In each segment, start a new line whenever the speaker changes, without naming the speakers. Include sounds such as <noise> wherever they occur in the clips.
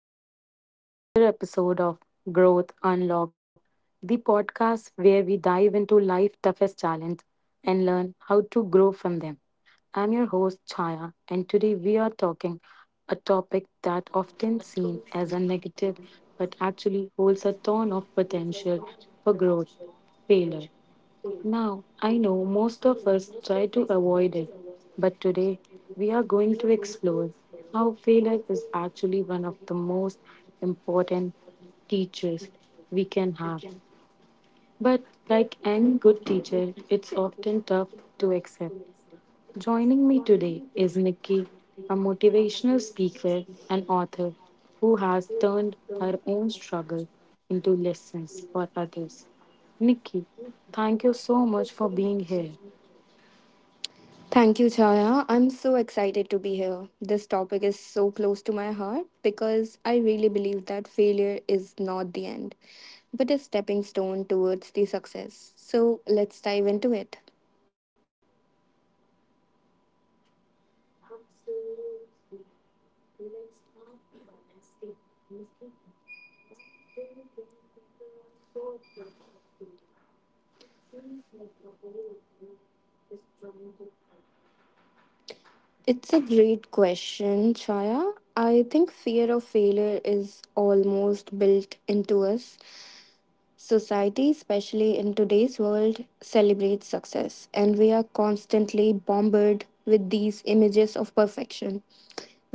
To another episode of Growth Unlocked, the podcast where we dive into life's toughest challenge and learn how to grow from them. I'm your host, Chaya, and today we are talking a topic that often seen as a negative but actually holds a ton of potential for growth failure. Now, I know most of us try to avoid it, but today we are going to explore how failure is actually one of the most important teachers we can have. But like any good teacher, it's often tough to accept. Joining me today is Nikki, a motivational speaker and author who has turned her own struggle into lessons for others. Nikki, thank you so much for being here.
Thank you, Chaya. I'm so excited to be here. This topic is so close to my heart because I really believe that failure is not the end, but a stepping stone towards the success. So let's dive into it.
Absolutely. Let's start by asking Nikki, why do you think people are so afraid of failure? It seems like the whole world is trying to avoid it.
It's a great question, Chaya. I think fear of failure is almost built into us. Society, especially in today's world, celebrates success, and we are constantly bombarded with these images of perfection,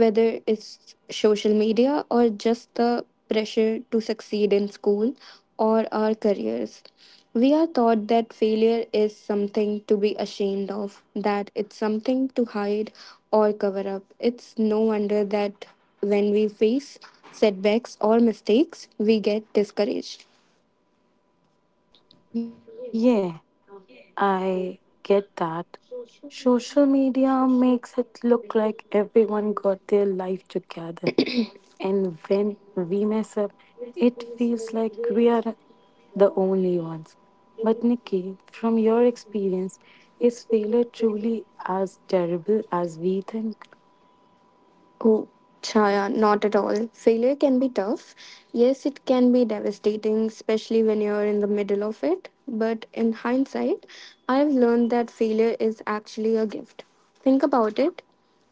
whether it's social media or just the pressure to succeed in school or our careers. We are taught that failure is something to be ashamed of, that it's something to hide or cover up. It's no wonder that when we face setbacks or mistakes, we get discouraged.
Yeah, I get that. Social media makes it look like everyone got their life together, and we mess up, it feels like we are the only ones. But, Nikki, from your experience, is failure truly as terrible as we think?
Oh, Chaya, not at all. Failure can be tough. Yes, it can be devastating, especially when you're in the middle of it. But in hindsight, I've learned that failure is actually a gift. Think about it.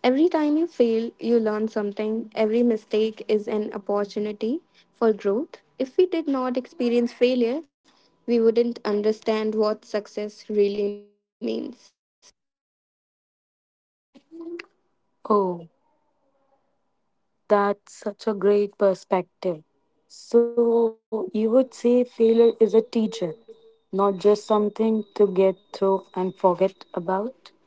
Every time you fail, you learn something. Every mistake is an opportunity for growth. If we did not experience failure, we wouldn't understand what success really means.
Oh, that's such a great perspective. So, you would say failure is a teacher, not just something to get through and forget about?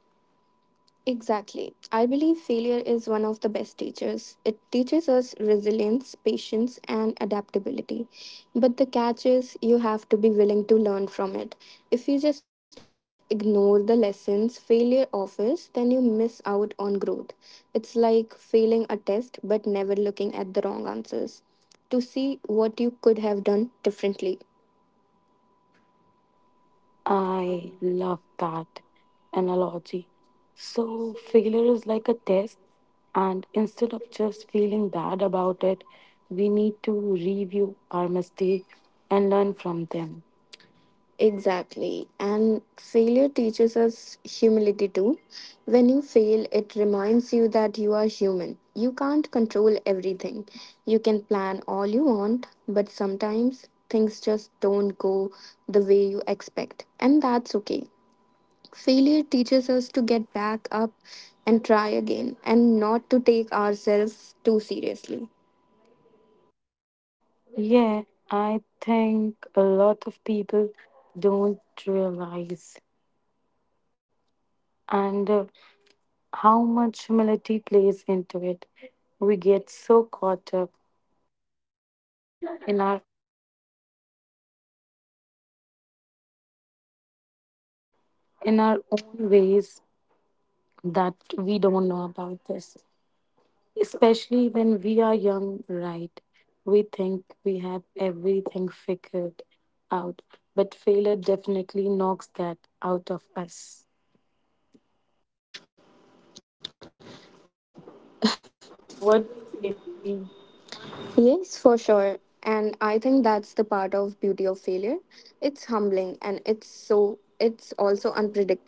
Exactly. I believe failure is one of the best teachers. It teaches us resilience, patience, and adaptability. But the catch is you have to be willing to learn from it. If you just ignore the lessons failure offers, then you miss out on growth. It's like failing a test but never looking at the wrong answers to see what you could have done differently.
I love that analogy. So, failure is like a test, and instead of just feeling bad about it, we need to review our mistakes and learn from them.
Exactly. And failure teaches us humility too. When you fail, it reminds you that you are human. You can't control everything. You can plan all you want, but sometimes things just don't go the way you expect. And that's okay. Failure teaches us to get back up and try again and not to take ourselves too seriously.
Yeah, I think a lot of people don't realize and how much humility plays into it. We get so caught up in our in our own ways that we don't know about this. Especially when we are young, right? We think we have everything figured out, but failure definitely knocks that out of us. What do you say, Nikki?
Yes, for sure. And I think that's the part of beauty of failure. It's humbling and it's so it's also unpredictable.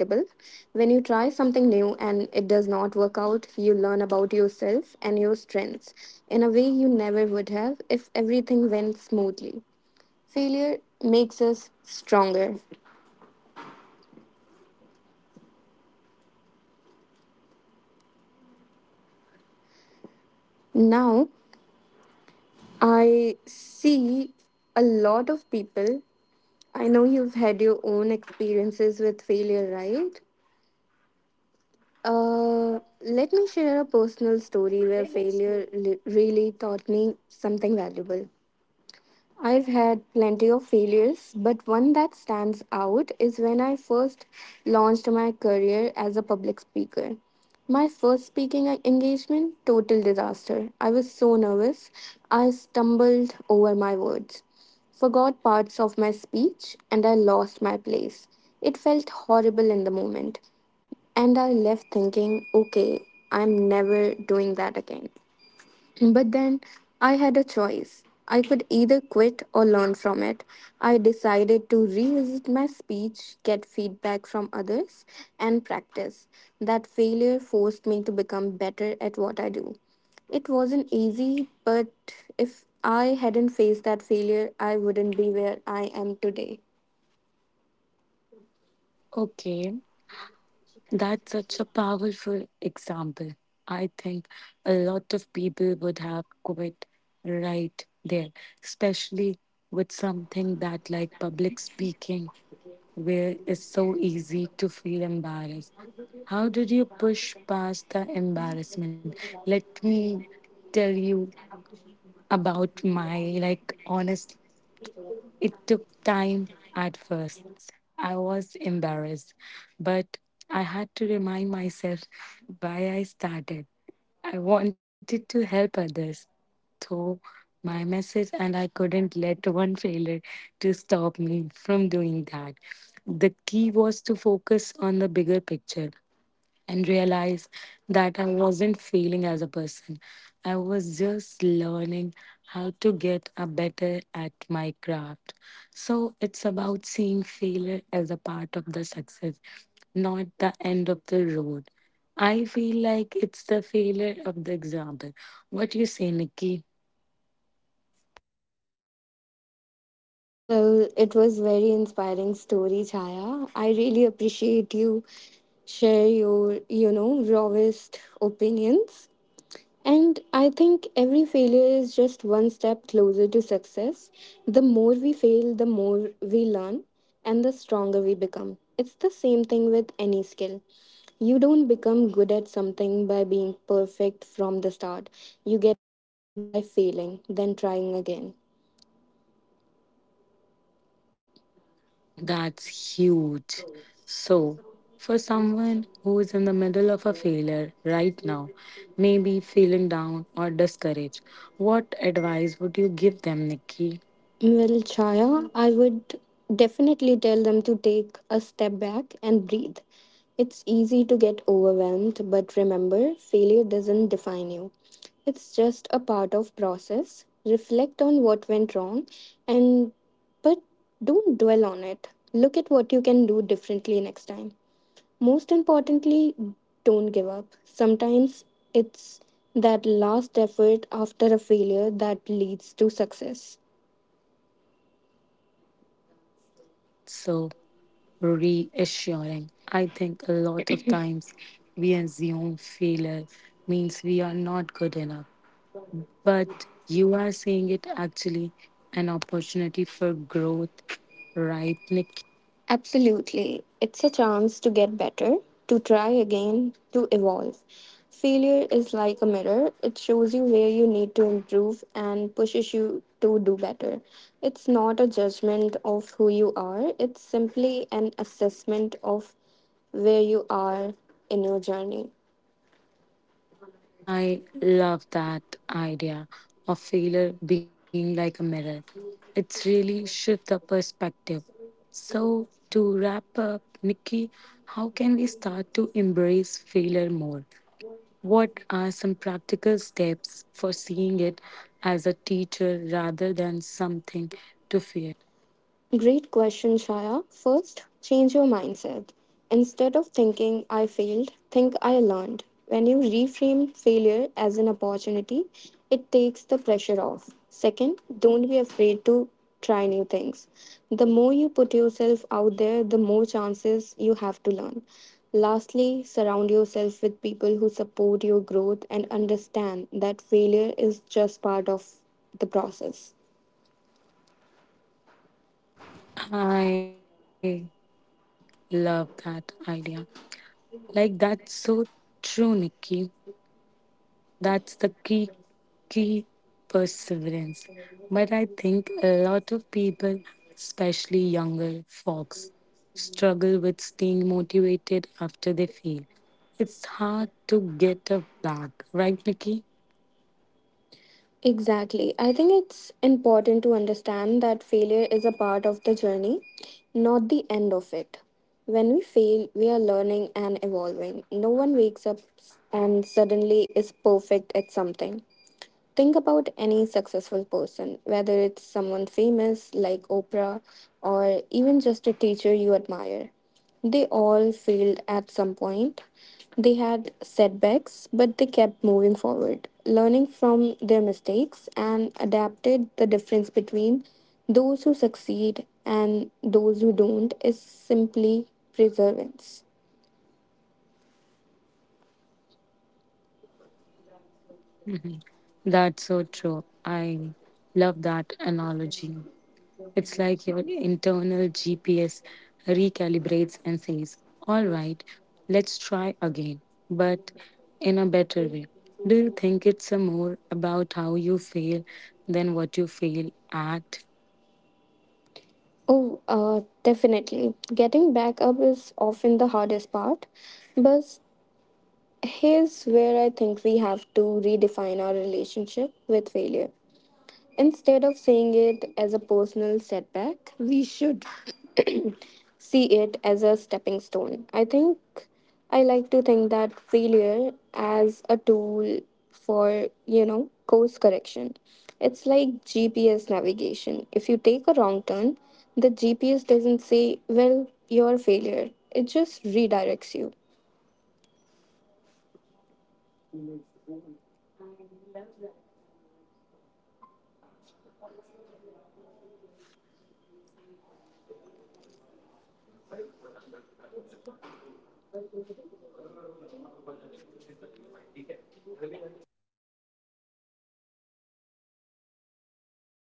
When you try something new and it does not work out, you learn about yourself and your strengths in a way you never would have if everything went smoothly. Failure makes us stronger. Now, I see a lot of people. I know you've had your own experiences with failure, right? Let me share a personal story where really taught me something valuable. I've had plenty of failures, but one that stands out is when I first launched my career as a public speaker. My first speaking engagement, total disaster. I was so nervous. I stumbled over my words, forgot parts of my speech, and I lost my place. It felt horrible in the moment, and I left thinking, okay, I'm never doing that again. But then I had a choice. I could either quit or learn from it. I decided to revisit my speech, get feedback from others, and practice. That failure forced me to become better at what I do. It wasn't easy, but if I hadn't faced that failure, I wouldn't be where I am today.
Okay, that's such a powerful example. I think a lot of people would have quit right there, especially with something that, like public speaking, where it's so easy to feel embarrassed. How did you push past the embarrassment? Let me tell you about my, like, honest It took time at first. I was embarrassed, but I had to remind myself why I started. I wanted to help others, so my message, and I couldn't let one failure to stop me from doing that. The key was to focus on the bigger picture and realized that I wasn't failing as a person. I was just learning how to get a better at my craft. So it's about seeing failure as a part of the success, not the end of the road. I feel like it's the failure of the example. What do you say, Nikki?
Well, it was very inspiring story, Chaya. I really appreciate you share your rawest opinions. And I think every failure is just one step closer to success. The more we fail, the more we learn and the stronger we become. It's the same thing with any skill. You don't become good at something by being perfect from the start. You get better by failing, then trying again.
That's huge. So, for someone who is in the middle of a failure right now, maybe feeling down or discouraged, what advice would you give them, Nikki?
Well, Chaya, I would definitely tell them to take a step back and breathe. It's easy to get overwhelmed, but remember, failure doesn't define you. It's just a part of process. Reflect on what went wrong and but don't dwell on it. Look at what you can do differently next time. Most importantly, don't give up. Sometimes it's that last effort after a failure that leads to success.
That's so reassuring. I think a lot of times we assume failure means we are not good enough, but you are seeing it actually an opportunity for growth, right, Nikki?
Absolutely. It's a chance to get better, to try again, to evolve. Failure is like a mirror, it shows you where you need to improve and pushes you to do better. It's not a judgment of who you are, it's simply an assessment of where you are in your journey.
I love that idea of failure being like a mirror. It's really shift the perspective. So to wrap up, Nikki, how can we start to embrace failure more? What are some practical steps for seeing it as a teacher rather than something to fear?
Great question, Shaya. First, change your mindset. Instead of thinking I failed, think I learned. When you reframe failure as an opportunity, it takes the pressure off. Second, don't be afraid to try new things. The more you put yourself out there, the more chances you have to learn. Lastly, surround yourself with people who support your growth and understand that failure is just part of the process.
I love that idea. Like that's so true, Nikki. That's the key perseverance. But I think a lot of people, especially younger folks, struggle with staying motivated after they fail. Hard to get up back, right, Nikki?
Exactly. I think it's important to understand that failure is a part of the journey, not the end of it. When we fail, we are learning and evolving. No one wakes up and suddenly is perfect at something. Think about any successful person, whether it's someone famous like Oprah or even just a teacher you admire. They all failed at some point. They had setbacks, but they kept moving forward, learning from their mistakes and adapted the difference between those who succeed and those who don't is simply perseverance.
Mhm. That's so true. I love that analogy. It's like your internal GPS recalibrates and says, "All right, let's try again, but in a better way." Do you think it's a more about how you fail than what you fail at?
Oh, definitely. Getting back up is often the hardest part, but here's where I think we have to redefine our relationship with failure. Instead of seeing it as a personal setback, we should <clears throat> see it as a stepping stone. I think I like to think that failure as a tool for course correction. It's like GPS navigation. If you take a wrong turn, the GPS doesn't say, well, you're a failure. It just redirects you.
I love that analogy. It's look like your eternal GPS recalibrates and says, "All right, let's try again, but in a better way." Do you think it's more about how you feel than what you feel at, Nikki?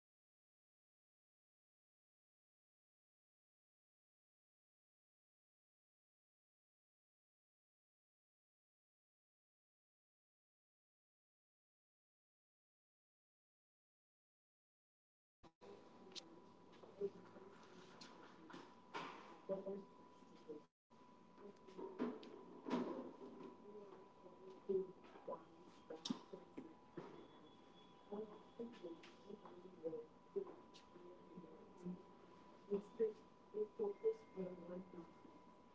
What do you think? I would say it's about how you approach failure. Not necessary, but you fail it. You can fail at something big or something small, but if you choose to learn from it and grow, it becomes an opportunity rather than obstacle. The people who are able to bounce back quickly and adapt are often those who don't dwell too much on the failure itself. Instead, they focus on what comes next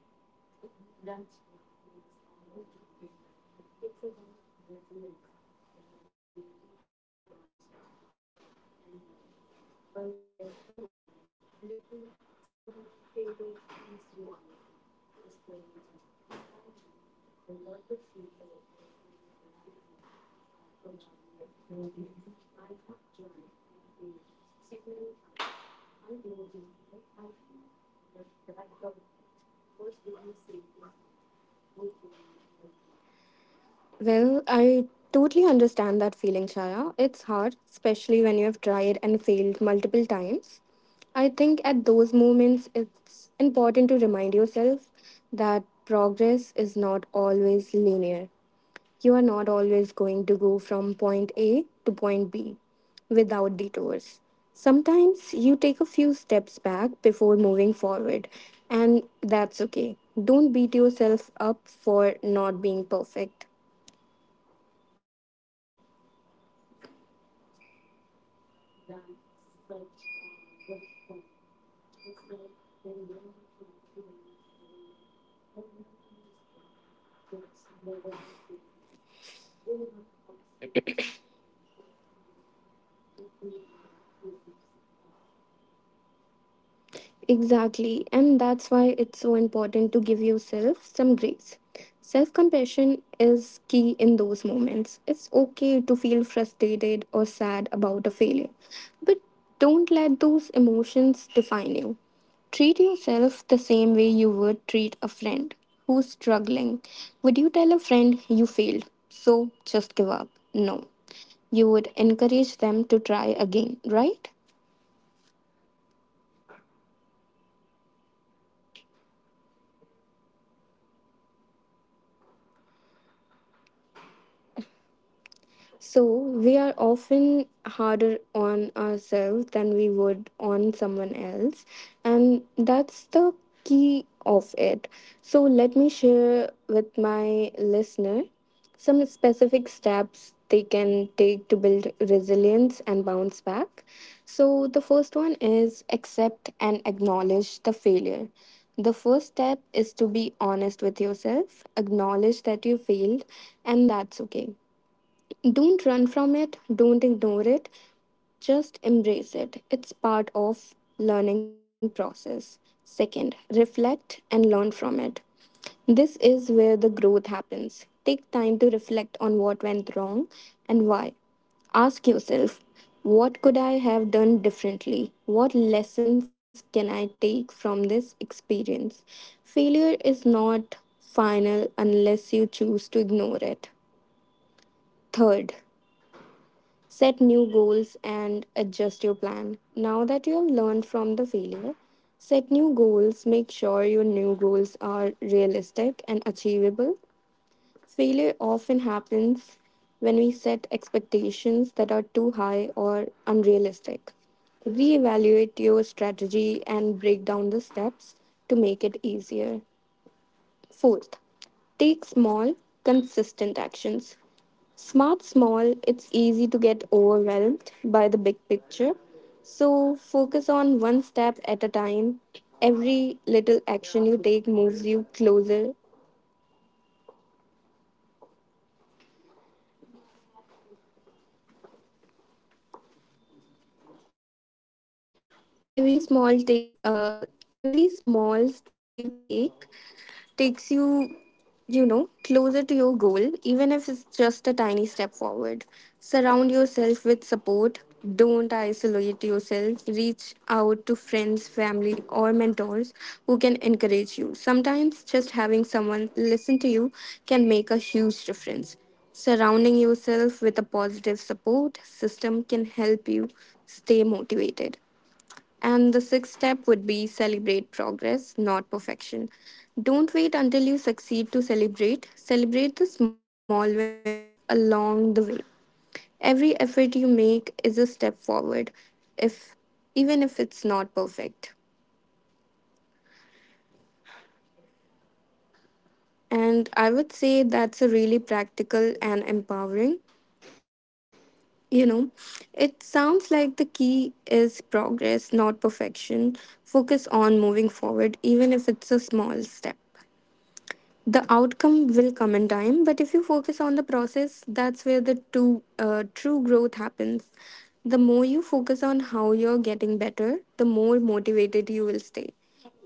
that's what makes all the differences. It's about resilience, the ability to bounce back, adapt, and learn. But let's be honest, Nikki, sometimes failures feels reality, discouraging. I know a lot of people listening right now are probably thinking, I have tried and failed so many times. I don't know if I can get back up. What would you say to someone who feeling like that?
Well, I totally understand that feeling, Chaya. It's hard, especially when you have tried and failed multiple times. I think at those moments, it's important to remind yourself that progress is not always linear. You are not always going to go from point A to point B without detours. Sometimes you take a few steps back before moving forward, and that's okay. Don't beat yourself up for not being perfect.
That's such a good point. It's like when you are trying to lose weight or learn a new skill, it's never a straight path. There are ups and downs, and it's easy to feel like you are stuck.
Exactly, and that's why it's so important to give yourself some grace. Self compassion is key in those moments. It's okay to feel frustrated or sad about a failure, but don't let those emotions define you. Treat yourself the same way you would treat a friend who's struggling. Would you tell a friend you failed, so just give up? No. You would encourage them to try again, right? So we are often harder on ourselves than we would on someone else, and that's the key of it. So let me share with my listener some specific steps they can take to build resilience and bounce back. So the first one is accept and acknowledge the failure. The first step is to be honest with yourself, acknowledge that you failed, and that's okay. Don't run from it, don't ignore it, just embrace it. It's part of learning process. Second, reflect and learn from it. This is where the growth happens. Take time to reflect on what went wrong and why. Ask yourself, what could I have done differently? What lessons can I take from this experience? Failure is not final unless you choose to ignore it. Third, set new goals and adjust your plan. Now that you have learned from the failure, set new goals. Make sure your new goals are realistic and achievable. Failure often happens when we set expectations that are too high or unrealistic. Reevaluate your strategy and break down the steps to make it easier. Fourth, take small, consistent actions. Smart small, it's easy to get overwhelmed by the big picture. So focus on one step at a time. Every little action you take moves you closer Every small take, uh, every small step you take takes you closer to your goal, even if it's just a tiny step forward. Surround yourself with support. Don't isolate yourself. Reach out to friends, family, or mentors who can encourage you. Sometimes just having someone listen to you can make a huge difference. Surrounding yourself with a positive support system can help you stay motivated. And the sixth step would be celebrate progress, not perfection. Don't wait until you succeed to celebrate. Celebrate the small wins along the way. Every effort you make is a step forward, if even if it's not perfect. And I would say that's a really practical and empowering. You know, it sounds like the key is progress, not perfection. Focus on moving forward, even if it's a small step. The outcome will come in time, but if you focus on the process, that's where the true growth happens. The more you focus on how you're getting better, the more motivated you will stay.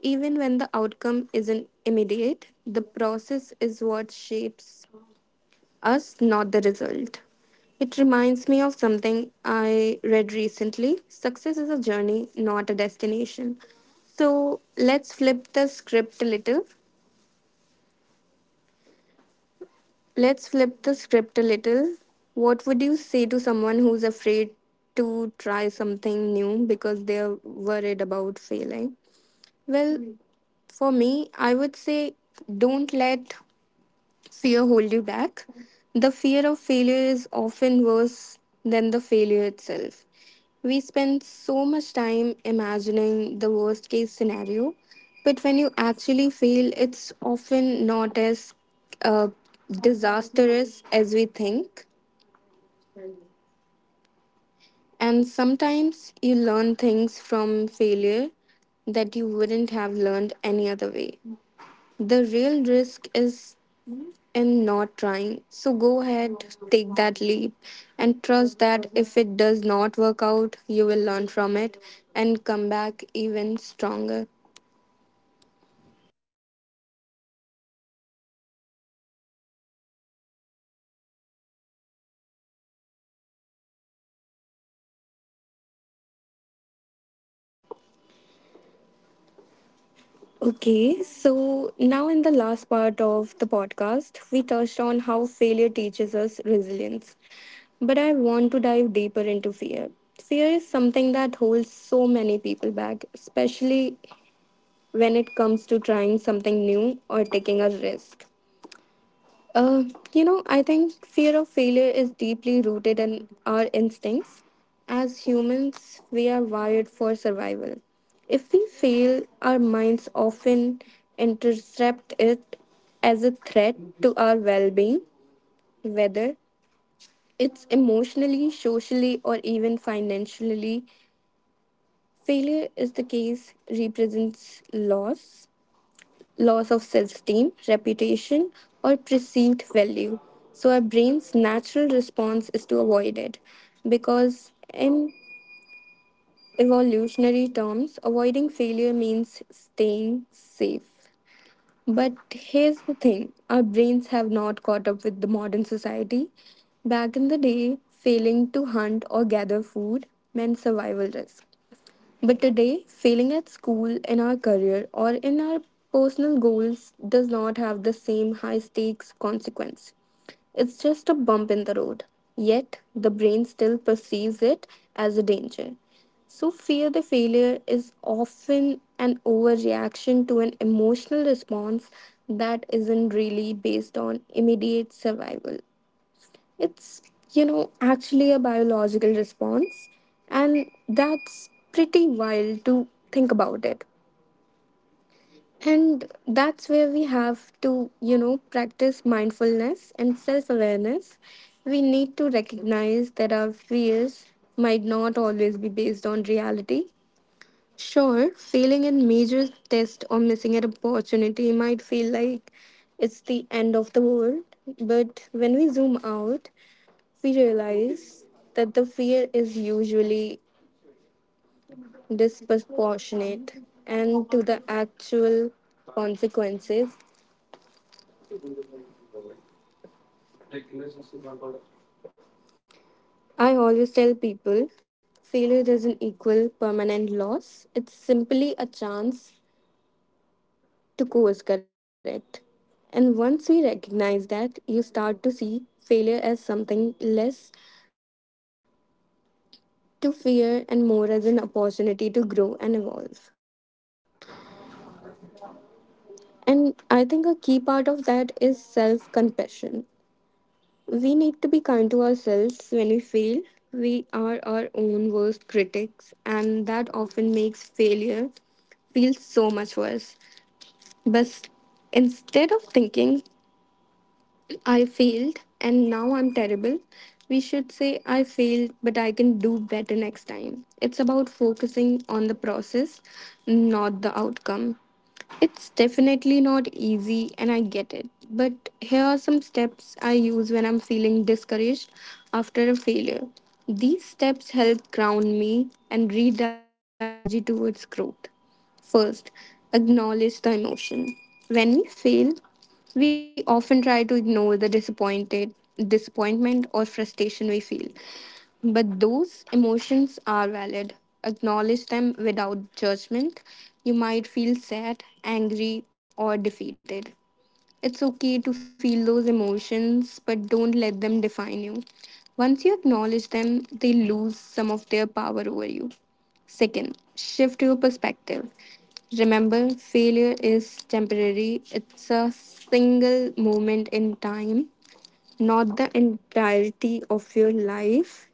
Even when the outcome isn't immediate, the process is what shapes us, not the result. It reminds me of something I read recently. Success is a journey, not a destination. So let's flip the script a little. Let's flip the script a little. What would you say to someone who's afraid to try something new because they're worried about failing? Well, for me, I would say don't let fear hold you back. The fear of failure is often worse than the failure itself. We spend so much time imagining the worst case scenario, but when you actually fail, it's often not as uh, disastrous as we think. And sometimes you learn things from failure that you wouldn't have learned any other way. The real risk is in not trying. So go ahead, take that leap, and trust that if it does not work out, you will learn from it and come back even stronger. Okay, so now in the last part of the podcast, we touched on how failure teaches us resilience. But I want to dive deeper into fear. Fear is something that holds so many people back, especially when it comes to trying something new or taking a risk. Uh, you know, I think fear of failure is deeply rooted in our instincts. As humans, we are wired for survival. If we fail, our minds often intercept it as a threat to our well being, whether it's emotionally, socially, or even financially. Failure is the case represents loss, loss of self esteem, reputation, or perceived value. So our brain's natural response is to avoid it because, in evolutionary terms, avoiding failure means staying safe. But here's the thing, our brains have not caught up with the modern society. Back in the day, failing to hunt or gather food meant survival risk. But today, failing at school, in our career, or in our personal goals does not have the same high stakes consequence. It's just a bump in the road. Yet, the brain still perceives it as a danger. So, fear the failure is often an overreaction to an emotional response that isn't really based on immediate survival. It's, you know, actually a biological response, and that's pretty wild to think about it. And that's where we have to, you know, practice mindfulness and self awareness. We need to recognize that our fears might not always be based on reality. Sure, failing a major test or missing an opportunity might feel like it's the end of the world, but when we zoom out, we realize that the fear is usually disproportionate and to the actual consequences. I always tell people failure doesn't equal permanent loss, it's simply a chance to course correct. And once we recognize that, you start to see failure as something less to fear and more as an opportunity to grow and evolve. And I think a key part of that is self compassion. We need to be kind to ourselves when we fail. We are our own worst critics, and that often makes failure feel so much worse. But instead of thinking I failed and now I'm terrible, we should say, I failed, but I can do better next time. It's about focusing on the process, not the outcome. It's definitely not easy, and I get it. But here are some steps I use when I'm feeling discouraged after a failure. These steps help ground me and redirect my energy towards growth. First, acknowledge the emotion. When we fail, we often try to ignore the disappointed disappointment or frustration we feel. But those emotions are valid. Acknowledge them without judgment. You might feel sad, angry, or defeated. It's okay to feel those emotions, but don't let them define you. Once you acknowledge them, they lose some of their power over you. Second, shift your perspective. Remember, failure is temporary, it's a single moment in time, not the entirety of your life.